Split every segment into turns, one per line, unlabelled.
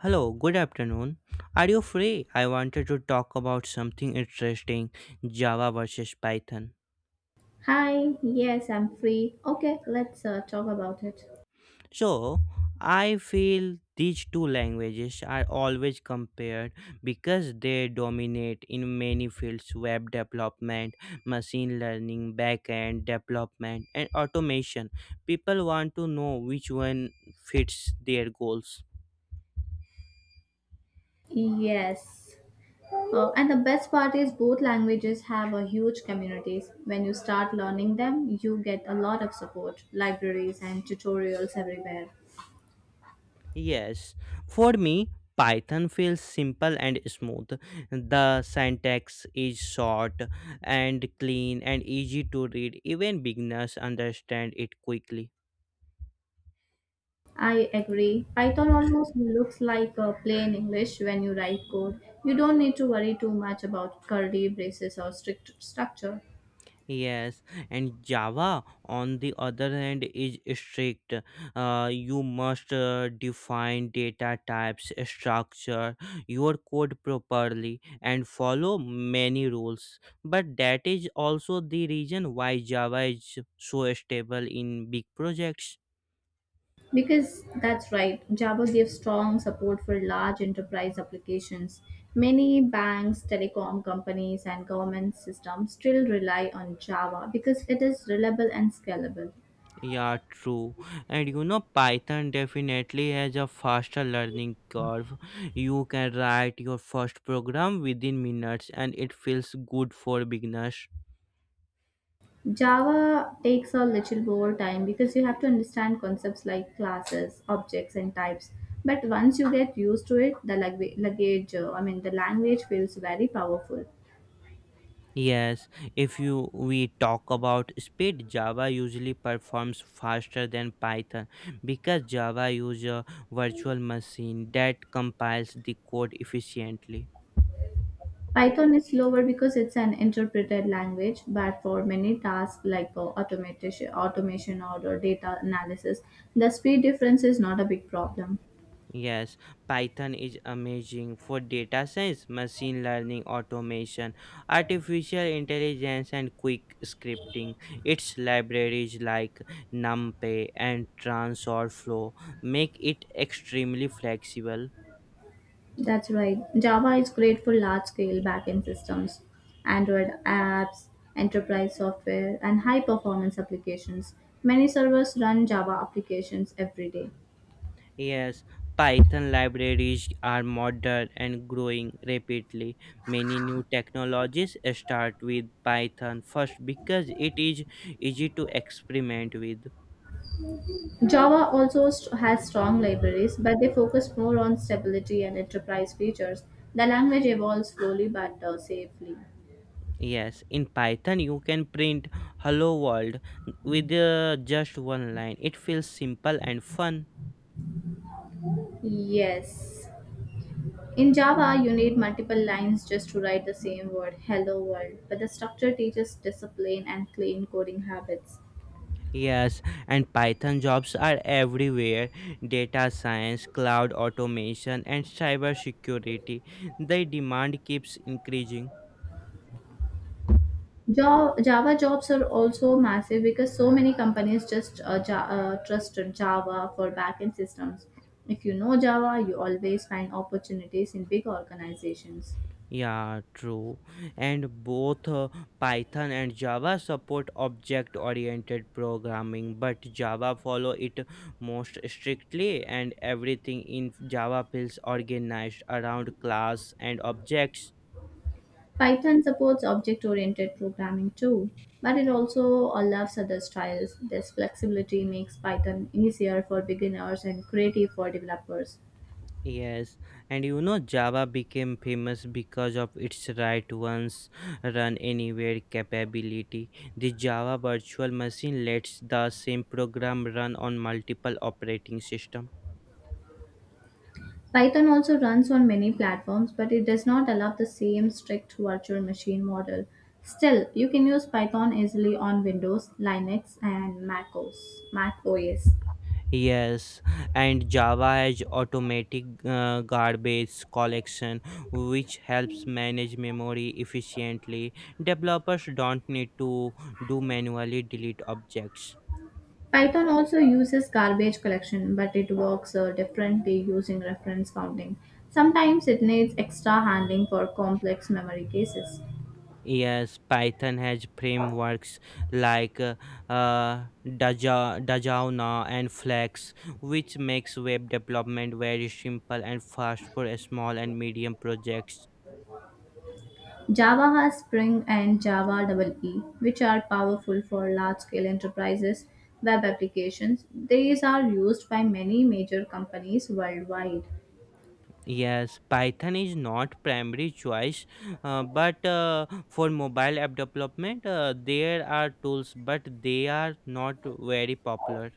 Hello, good afternoon. Are you free? I wanted to talk about something interesting, Java versus Python.
Hi, yes, I'm free. Okay, let's talk about it.
So, I feel these two languages are always compared because they dominate in many fields: web development, machine learning, backend development, and automation. People want to know which one fits their goals.
Yes. And the best part is both languages have a huge communities. When you start learning them, you get a lot of support, libraries and tutorials everywhere.
Yes, for me, Python feels simple and smooth. The syntax is short and clean and easy to read. Even beginners understand it quickly.
I agree. Python almost looks like plain English when you write code. You don't need to worry too much about curly braces or strict structure.
Yes, and Java, on the other hand, is strict. You must define data types, structure your code properly, and follow many rules. But that is also the reason why Java is so stable in big projects.
Because that's right, Java gives strong support for large enterprise applications. Many banks, telecom companies, and government systems still rely on Java because it is reliable and scalable.
Yeah, true. And Python definitely has a faster learning curve. You can write your first program within minutes and it feels good for beginners.
Java takes a little more time because you have to understand concepts like classes, objects, and types. But once you get used to it, the language, luggage, I mean, the language feels very powerful.
Yes, if you we talk about speed, Java usually performs faster than Python because Java uses a virtual machine that compiles the code efficiently.
Python is slower because it's an interpreted language, but for many tasks like automation or data analysis, the speed difference is not a big problem.
Yes, Python is amazing for data science, machine learning, automation, artificial intelligence, and quick scripting. Its libraries like NumPy and TensorFlow make it extremely flexible.
That's right. Java is great for large scale backend systems, Android apps, enterprise software, and high performance applications. Many servers run Java applications every day.
Yes, Python libraries are modern and growing rapidly. Many new technologies start with Python first because it is easy to experiment with.
Java also has strong libraries, but they focus more on stability and enterprise features. The language evolves slowly but safely.
Yes, in Python you can print hello world with just one line. It feels simple and fun.
Yes. In Java, you need multiple lines just to write the same word, hello world, but the structure teaches discipline and clean coding habits.
Yes, and Python jobs are everywhere. Data science, cloud automation and cybersecurity. The demand keeps increasing.
Java jobs are also massive because so many companies just trust Java for backend systems. If you know Java, you always find opportunities in big organizations.
Yeah, true. And both Python and Java support object-oriented programming, but Java follow it most strictly and everything in Java feels organized around class and objects.
Python supports object oriented programming too, but it also allows other styles. This flexibility makes Python easier for beginners and creative for developers.
Yes, and you know Java became famous because of its write once run anywhere capability. The Java virtual machine lets the same program run on multiple operating systems.
Python also runs on many platforms, but it does not allow the same strict virtual machine model. Still, you can use Python easily on Windows, Linux, and Mac OS. Mac OS.
Yes, and Java has automatic garbage collection, which helps manage memory efficiently. Developers don't need to do manually delete objects.
Python also uses garbage collection, but it works differently using reference counting. Sometimes it needs extra handling for complex memory cases.
Yes, Python has frameworks like Dajaona and Flex, which makes web development very simple and fast for small and medium projects.
Java has Spring and Java EE, which are powerful for large scale enterprises, web applications. These are used by many major companies worldwide.
Yes, Python is not primary choice, but for mobile app development, there are tools, but they are not very popular.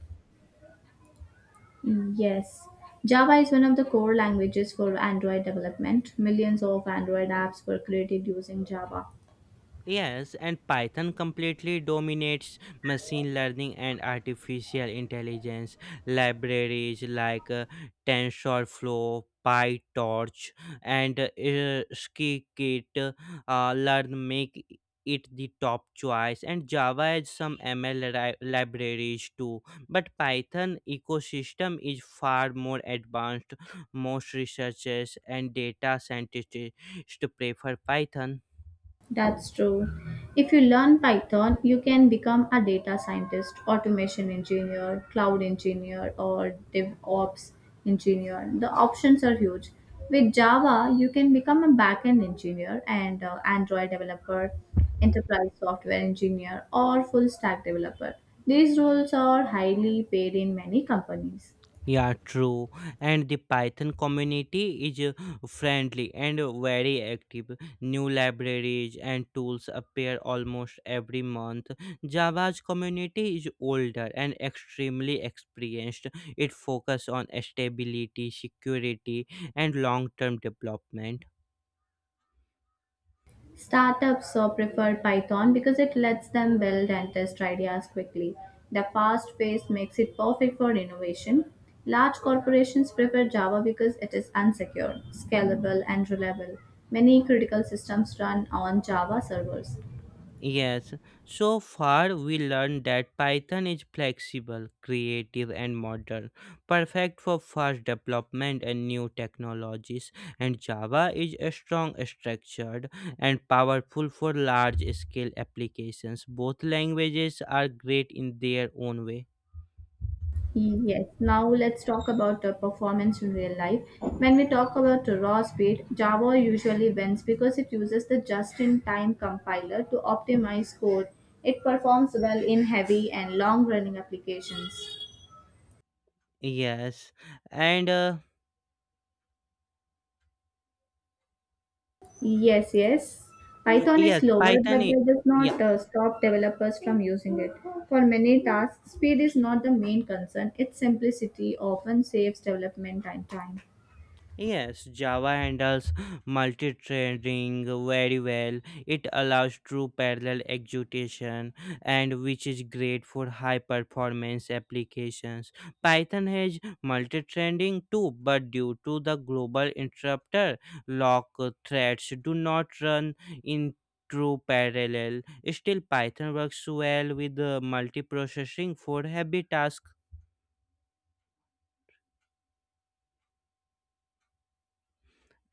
Yes. Java is one of the core languages for Android development. Millions of Android apps were created using Java.
Yes, and Python completely dominates machine learning and artificial intelligence. Libraries like TensorFlow, PyTorch, and Scikit learn make it the top choice. And Java has some ML libraries too, but Python ecosystem is far more advanced. Most researchers and data scientists prefer Python.
That's true. If you learn Python, you can become a data scientist, automation engineer, cloud engineer, or DevOps engineer. The options are huge. With Java, you can become a backend engineer and Android developer, enterprise software engineer, or full stack developer. These roles are highly paid in many companies.
Yeah, true. And the Python community is friendly and very active. New libraries and tools appear almost every month. Java's community is older and extremely experienced. It focuses on stability, security, and long term development.
Startups prefer Python because it lets them build and test ideas quickly. The fast pace makes it perfect for innovation. Large corporations prefer Java because it is unsecure, scalable, and reliable. Many critical systems run on Java servers.
Yes, so far we learned that Python is flexible, creative, and modern, perfect for fast development and new technologies, and Java is a strong, structured, and powerful for large scale applications. Both languages are great in their own way.
Yes, now let's talk about the performance in real life. When we talk about the raw speed, Java usually wins because it uses the just in time compiler to optimize code. It performs well in heavy and long running applications.
Yes, and
Yes, yes. Python is
yes,
slower,
Python.
but that does
Yeah.
not stop developers from using it. For many tasks, speed is not the main concern, its simplicity often saves development and time.
Yes, Java handles multi-threading very well. It allows true parallel execution and which is great for high-performance applications. Python has multi-threading too, but due to the global interrupter, lock threads do not run in true parallel. Still, Python works well with multiprocessing for heavy tasks.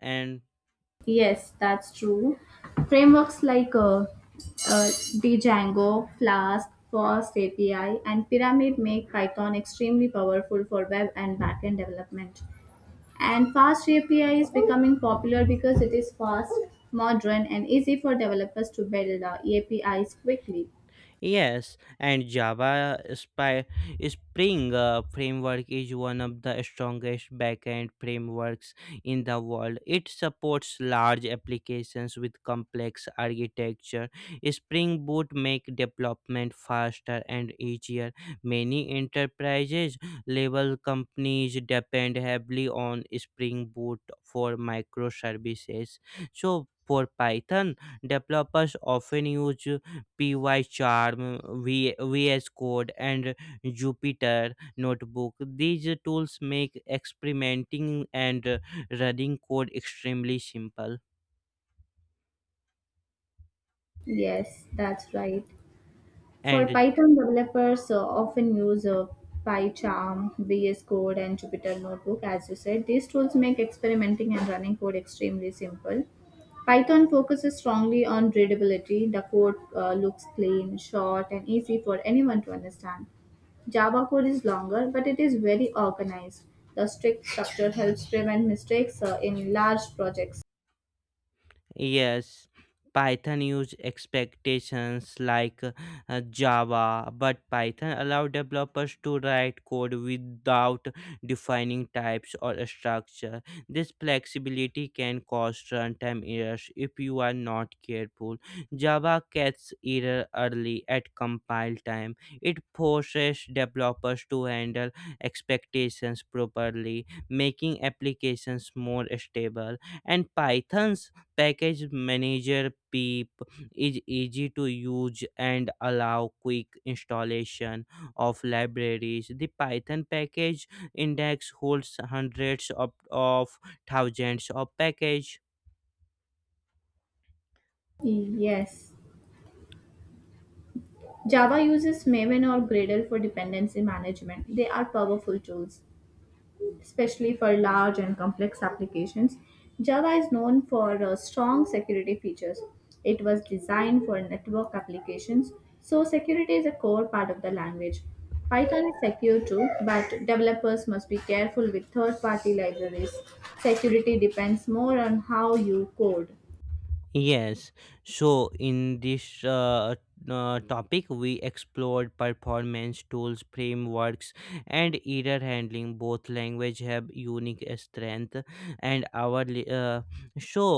And
Yes, that's true. Frameworks like Django, Flask, Fast API, and Pyramid make Python extremely powerful for web and backend development. And Fast API is becoming popular because it is fast, modern, and easy for developers to build APIs quickly.
yes, and Java Spy Spring framework is one of the strongest backend frameworks in the world. It supports large applications with complex architecture. Spring Boot make development faster and easier. Many enterprises level companies depend heavily on Spring Boot for microservices. So for Python, developers often use Pycharm, vs code and jupyter notebook. These tools make experimenting and running code extremely simple.
Yes, that's right. For
And
Python developers, often use PyCharm, VS Code, and Jupyter Notebook. As you said, these tools make experimenting and running code extremely simple. Python focuses strongly on readability. The code looks clean, short, and easy for anyone to understand. Java code is longer, but it is very organized. The strict structure helps prevent mistakes in large projects.
yes, Python used expectations like Java, but Python allowed developers to write code without defining types or a structure. This flexibility can cause runtime errors if you are not careful. Java catches error early at compile time. It forces developers to handle expectations properly, making applications more stable. And Python's Package Manager Peep is easy to use and allow quick installation of libraries. The Python package index holds hundreds of thousands of packages.
Yes. Java uses Maven or Gradle for dependency management. They are powerful tools, especially for large and complex applications. Java is known for strong security features. It was designed for network applications, so security is a core part of the language. Python is secure too, but developers must be careful with third party libraries. Security depends more on how you code.
Yes. So in this topic, we explored performance tools, frameworks, and error handling. Both language have unique strength, and our so.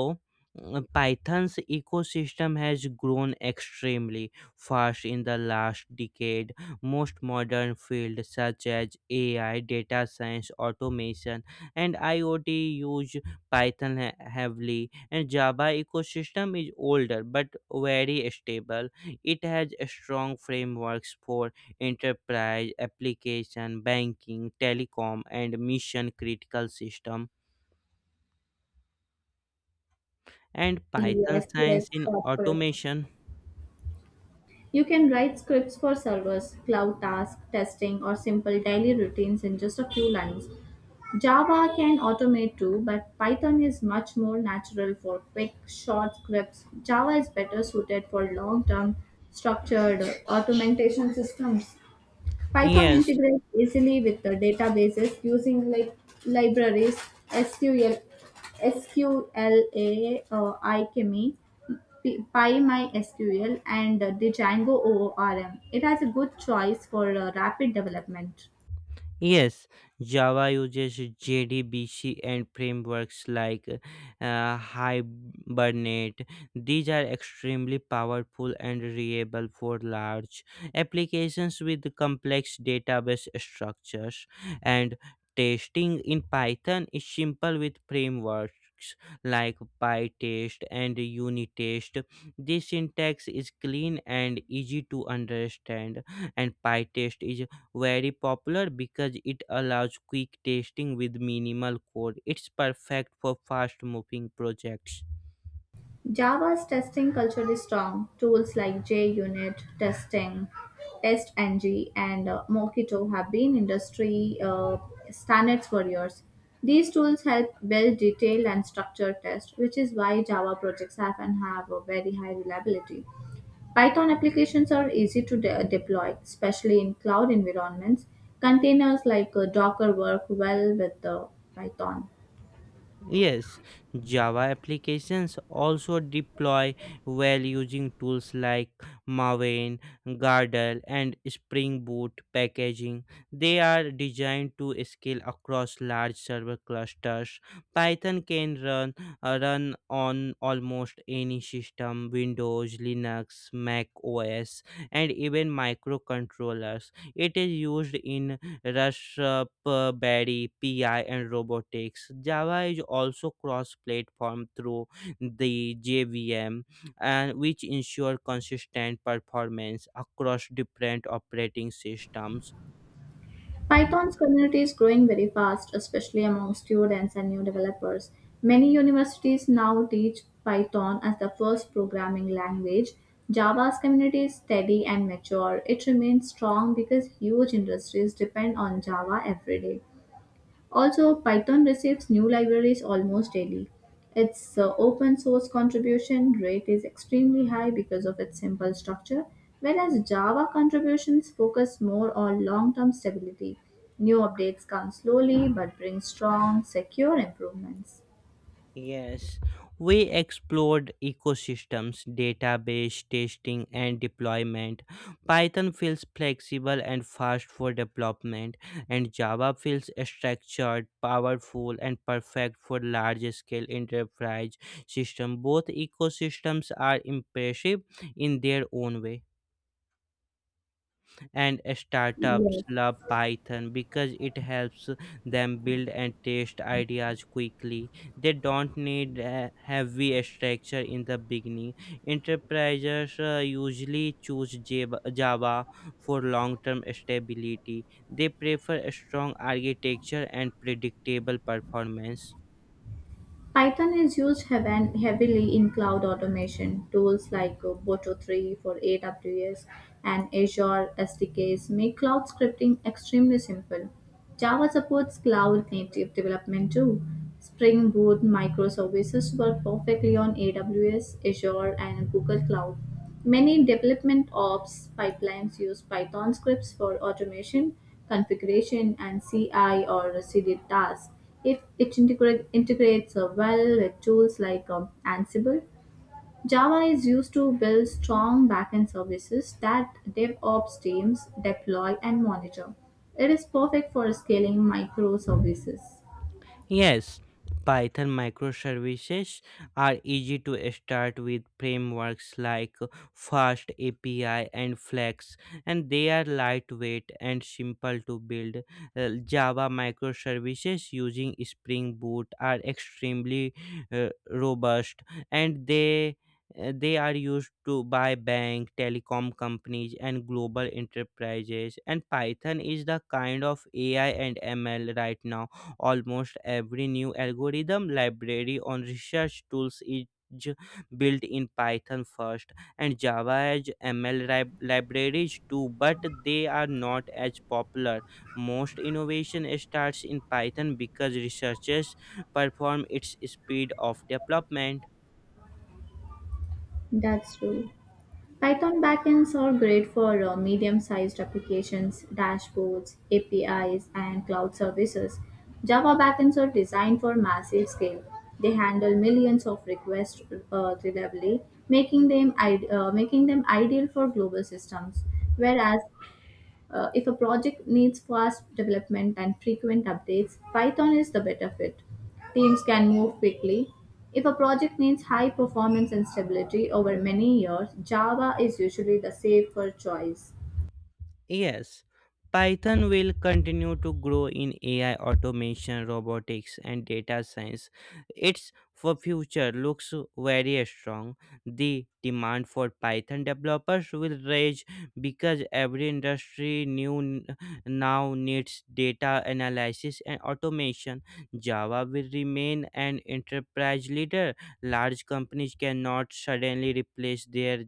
Python's ecosystem has grown extremely fast in the last decade. Most modern fields such as AI, data science, automation, and IoT use Python heavily. And Java ecosystem is older but very stable. It has strong frameworks for enterprise, application, banking, telecom, and mission critical system. And Python
Yes, yes,
science in
that's correct.
automation.
You can write scripts for servers, cloud tasks, testing, or simple daily routines in just a few lines. Java can automate too, but Python is much more natural for quick, short scripts. Java is better suited for long term, structured automation systems. Python
Yes,
integrates easily with the databases using like libraries SQL, SQLA, iChemy, PyMySQL, and the Django ORM. It has a good choice for rapid development.
yes, Java uses JDBC and frameworks like Hibernate. These are extremely powerful and reliable for large applications with complex database structures. And testing in Python is simple with frameworks like PyTest and Unitest. This syntax is clean and easy to understand, and PyTest is very popular because it allows quick tasting with minimal code. It's perfect for fast moving projects.
Java's testing culture is strong. Tools like JUnit testing, TestNG, and Mockito have been industry standards for years. These tools help build detailed and structured tests, which is why Java projects have and have a very high reliability. Python applications are easy to deploy, especially in cloud environments. Containers like Docker work well with Python.
Yes, Java applications also deploy well using tools like Maven, Gardel, and Spring Boot packaging. They are designed to scale across large server clusters. Python can run on almost any system: Windows, Linux, Mac OS, and even microcontrollers. It is used in Rasp, Berry, PI, and Robotics. Java is also cross platform through the JVM, and which ensure consistent performance across different operating systems.
Python's community is growing very fast, especially among students and new developers. Many universities now teach Python as the first programming language. Java's community is steady and mature. It remains strong because huge industries depend on Java every day. Also, Python receives new libraries almost daily. Its open source contribution rate is extremely high because of its simple structure, whereas Java contributions focus more on long term stability. New updates come slowly but bring strong, secure improvements.
Yes, we explored ecosystems, database testing, and deployment. Python feels flexible and fast for development, and Java feels structured, powerful, and perfect for large scale enterprise systems. Both ecosystems are impressive in their own way. And startups love Python because it helps them build and test ideas quickly. They don't need a heavy structure in the beginning. Enterprises usually choose Java for long-term stability. They prefer a strong architecture and predictable performance.
Python is used heavily in cloud automation. Tools like Boto 3 for AWS and Azure SDKs make cloud scripting extremely simple. Java supports cloud native development too. Spring Boot microservices work perfectly on AWS, Azure, and Google Cloud. Many development ops pipelines use Python scripts for automation, configuration, and CI or CD tasks. If it integrates well with tools like Ansible, Java is used to build strong backend services that DevOps teams deploy and monitor. It is perfect for scaling microservices.
Yes, Python microservices are easy to start with frameworks like Fast API and Flex, and they are lightweight and simple to build. Java microservices using Spring Boot are extremely robust, and they are used to by bank telecom companies and global enterprises. And Python is the kind of AI and ML right now. Almost every new algorithm, library, or research tools is built in Python first. And Java as ML libraries too, but they are not as popular. Most innovation starts in Python because researchers perform its speed of development.
That's true. Python backends are great for medium-sized applications, dashboards, APIs, and cloud services. Java backends are designed for massive scale. They handle millions of requests reliably, making them making them ideal for global systems. Whereas if a project needs fast development and frequent updates, Python is the better fit. Teams can move quickly. If a project needs high performance and stability over many years, Java is usually the safer choice.
Yes, Python will continue to grow in AI automation, robotics, and data science. Its for future looks very strong. The demand for Python developers will rise because every industry new now needs data analysis and automation. Java will remain an enterprise leader. Large companies cannot suddenly replace their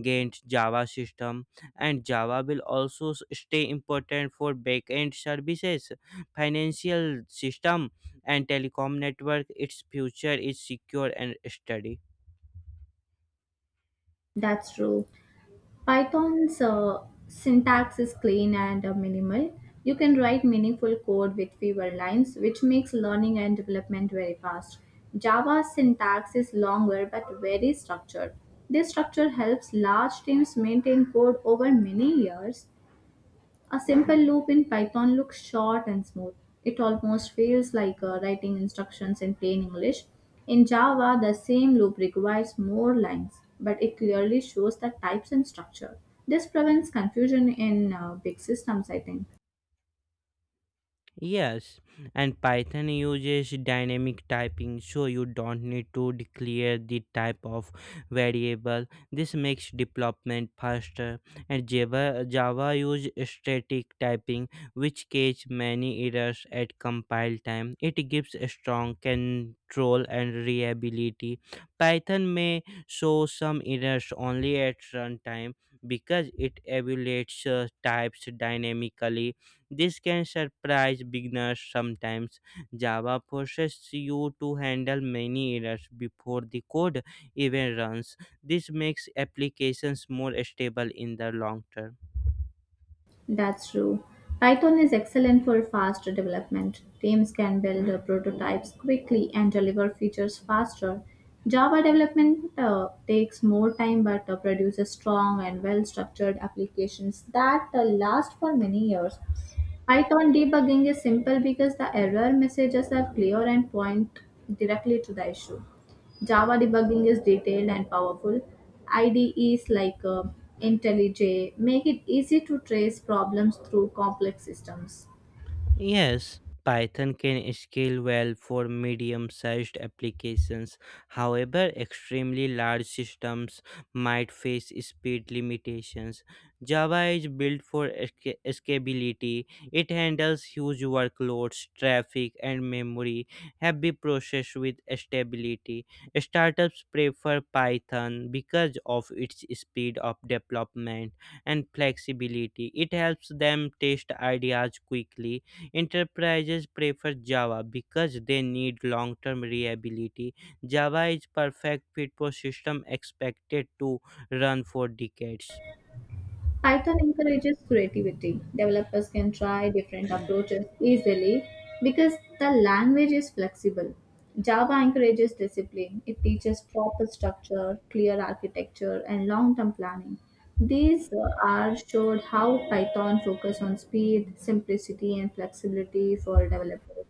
gained Java system. And Java will also stay important for backend services, financial system, and telecom network. Its future is secure and steady.
That's true. Python's syntax is clean and minimal. You can write meaningful code with fewer lines, which makes learning and development very fast. Java's syntax is longer but very structured. This structure helps large teams maintain code over many years. A simple loop in Python looks short and smooth. It almost feels like writing instructions in plain English. In Java, the same loop requires more lines, but it clearly shows the types and structure. This prevents confusion in big systems, I think.
Yes, and Python uses dynamic typing so you don't need to declare the type of variable. This makes development faster. And Java uses static typing which catch many errors at compile time. It gives a strong control and reliability. Python may show some errors only at runtime because it evaluates types dynamically. This can surprise beginners sometimes. Java forces you to handle many errors before the code even runs. This makes applications more stable in the long term.
That's true. Python is excellent for fast development. Teams can build prototypes quickly and deliver features faster. Java development takes more time but produces strong and well structured applications that last for many years. Python debugging is simple because the error messages are clear and point directly to the issue. Java debugging is detailed and powerful. IDEs like IntelliJ make it easy to trace problems through complex systems.
Yes, Python can scale well for medium sized applications. However, extremely large systems might face speed limitations. Java is built for scalability, it handles huge workloads, traffic, and memory, heavy process with stability. Startups prefer Python because of its speed of development and flexibility. It helps them test ideas quickly. Enterprises prefer Java because they need long term reliability. Java is perfect fit for systems expected to run for decades.
Python encourages creativity. Developers can try different approaches easily because the language is flexible. Java encourages discipline. It teaches proper structure, clear architecture, and long-term planning. These are showed how Python focus on speed, simplicity, and flexibility for developers.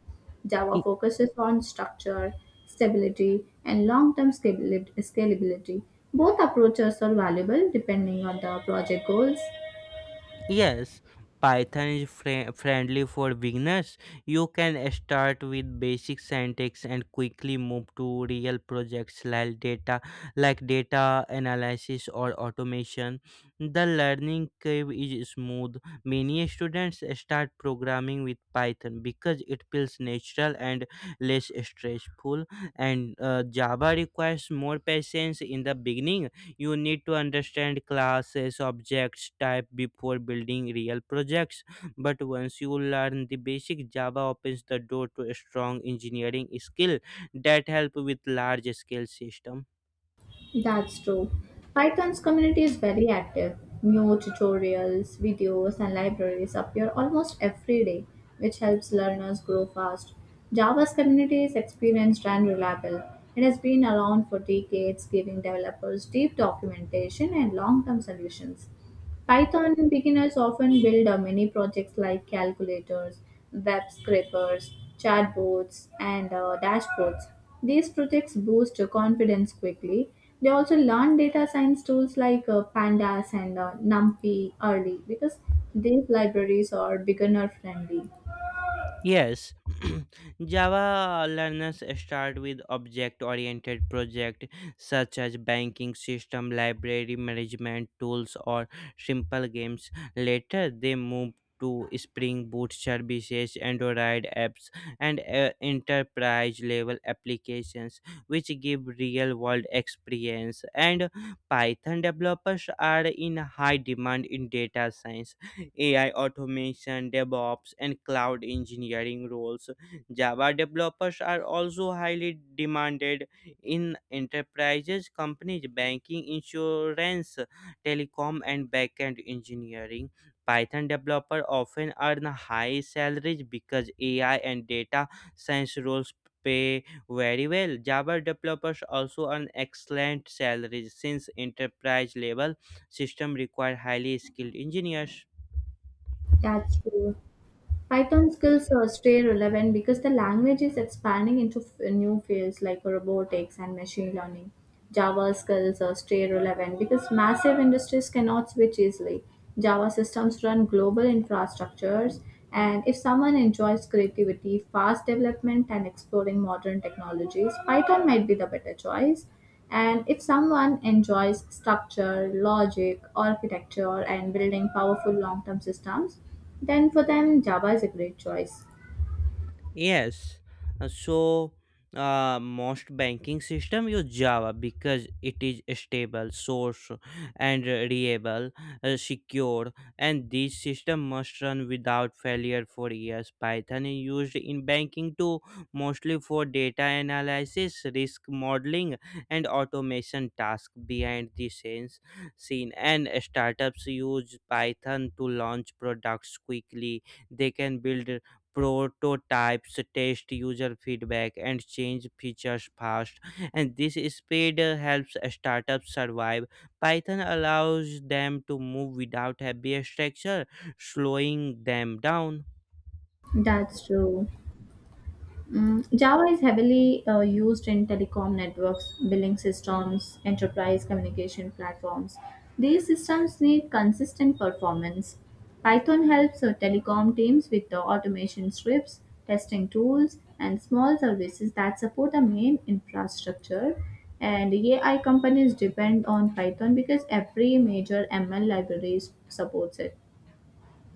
Java focuses on structure, stability, and long term scalability. Both approaches are valuable depending on the project goals.
Yes, Python is friendly for beginners. You can start with basic syntax and quickly move to real projects like data analysis or automation. The learning curve is smooth. Many students start programming with Python because it feels natural and less stressful. And Java requires more patience in the beginning. You need to understand classes, objects, type before building real projects. But once you learn the basic, Java opens the door to a strong engineering skill that help with large scale system.
That's true. Python's community is very active. New tutorials, videos, and libraries appear almost every day, which helps learners grow fast. Java's community is experienced and reliable. It has been around for decades, giving developers deep documentation and long term solutions. Python beginners often build many projects like calculators, web scrapers, chatbots, and dashboards. These projects boost your confidence quickly. They also learn data science tools like Pandas and NumPy early because these libraries are beginner friendly.
Yes, Java learners start with object oriented projects such as banking system, library management tools, or simple games. Later, they move to Spring Boot services, Android apps, and enterprise level applications, which give real world experience. And Python developers are in high demand in data science, AI automation, DevOps, and cloud engineering roles. Java developers are also highly demanded in enterprises, companies, banking, insurance, telecom, and backend engineering. Python developers often earn high salaries because AI and data science roles pay very well. Java developers also earn excellent salaries since enterprise level system require highly skilled engineers.
That's true. Python skills stay relevant because the language is expanding into new fields like robotics and machine learning. Java skills stay relevant because massive industries cannot switch easily. Java systems run global infrastructures, and if someone enjoys creativity, fast development, and exploring modern technologies, Python might be the better choice. And if someone enjoys structure, logic, architecture, and building powerful long term systems, then for them Java is a great choice.
Yes. So most banking system use Java because it is stable, source and reliable, secure, and this system must run without failure for years. Python is used in banking too, mostly for data analysis, risk modeling, and automation task behind the scenes scene. And startups use Python to launch products quickly. They can build prototypes, test user feedback, and change features fast. And this speed helps startups survive. Python allows them to move without heavy structure, slowing them down.
That's true. Mm, Java is heavily used in telecom networks, billing systems, enterprise communication platforms. These systems need consistent performance. Python helps telecom teams with the automation scripts, testing tools, and small services that support the main infrastructure. And AI companies depend on Python because every major ML library supports it.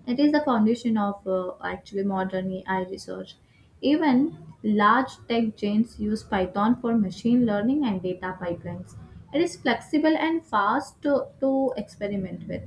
It is the foundation of actually modern AI research. Even large tech giants use Python for machine learning and data pipelines. It is flexible and fast to experiment with.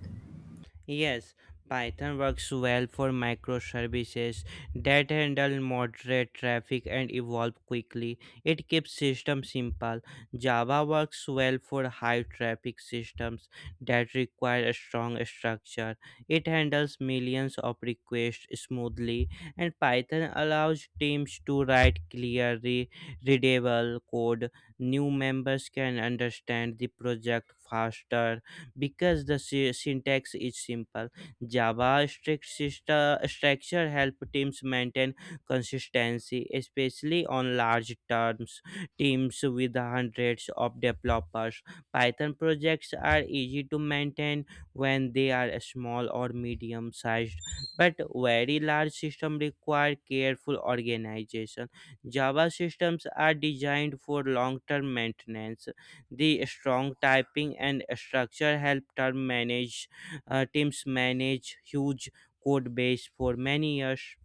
Yes, Python works well for microservices that handle moderate traffic and evolve quickly. It keeps systems simple. Java works well for high traffic systems that require a strong structure. It handles millions of requests smoothly, and Python allows teams to write clear, readable code. New members can understand the project faster because the syntax is simple. Java strict system structure help teams maintain consistency, especially on large terms teams with hundreds of developers. Python projects are easy to maintain when they are small or medium sized, but very large systems require careful organization. Java systems are designed for long term maintenance, the strong typing and structure help term manage teams manage huge code base for many years.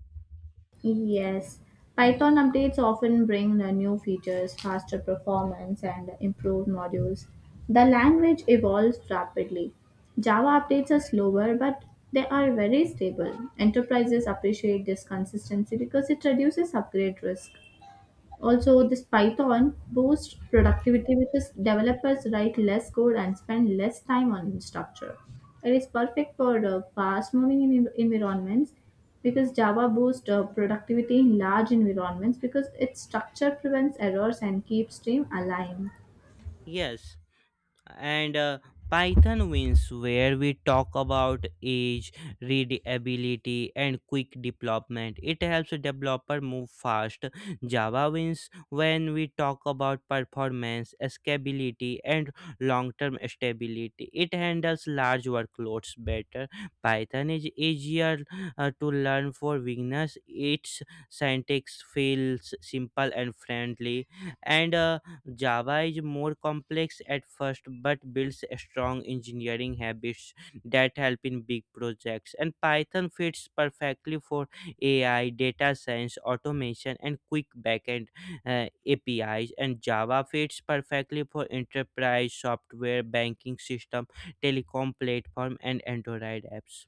Yes, Python updates often bring the new features, faster performance, and improved modules. The language evolves rapidly. Java updates are slower, but they are very stable. Enterprises appreciate this consistency because it reduces upgrade risk. Also,
Y-
this Python boosts productivity because developers write less code and spend less time on structure. It is perfect for fast-moving environments because Java boosts productivity in large environments because its structure prevents errors and keeps team aligned.
Yes. And Python wins, where we talk about age, readability, and quick development. It helps a developer move fast. Java wins when we talk about performance, scalability, and long-term stability. It handles large workloads better. Python is easier to learn for beginners. Its syntax feels simple and friendly, and Java is more complex at first but builds strong engineering habits that help in big projects. And Python fits perfectly for AI, data science, automation, and quick backend APIs. And Java fits perfectly for enterprise software, banking system, telecom platform, and Android apps.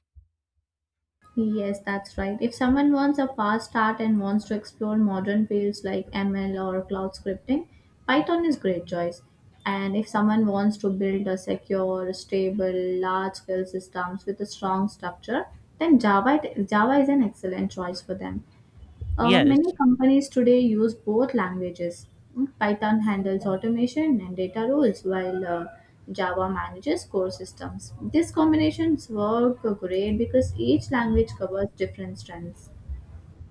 Yes, that's right. If someone wants a fast start and wants to explore modern fields like ML or cloud scripting, Python is great choice. And if someone wants to build a secure, stable, large-scale systems with a strong structure, then Java is an excellent choice for them. Uh,
Yes.
many companies today use both languages. Mm, Python handles automation and data roles, while Java manages core systems. These combinations work great because each language covers different strengths.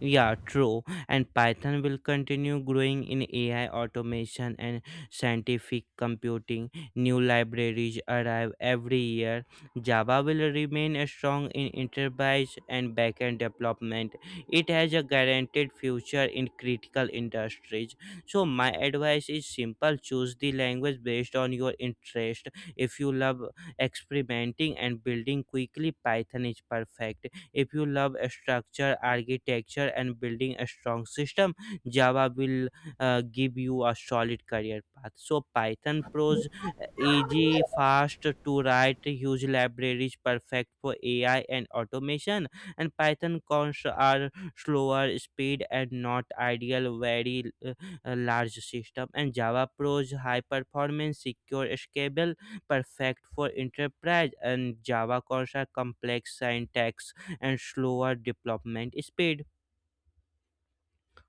Yeah, true. And Python will continue growing in AI automation and scientific computing. New libraries arrive every year. Java will remain strong in enterprise and backend development. It has a guaranteed future in critical industries. So, my advice is simple: choose the language based on your interest. If you love experimenting and building quickly, Python is perfect. If you love structure, architecture, and building a strong system, Java will give you a solid career path. So Python Pro's easy, fast to write, huge libraries, perfect for AI and automation. And Python cons are slower speed and not ideal, very large system. And Java Pro's high performance, secure, scalable, perfect for enterprise. And Java cons are complex syntax and slower development speed.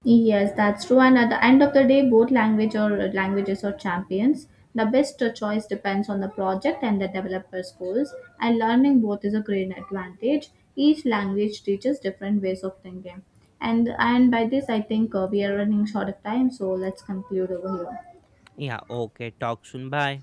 Yes, that's true. And at the end of the day, both languages are champions. The best choice depends on the project and the developer's goals, and learning both is a great advantage. Each language teaches different ways of thinking. And by this, I think we are running short of time, so let's conclude over here.
Yeah, okay, talk soon. Bye.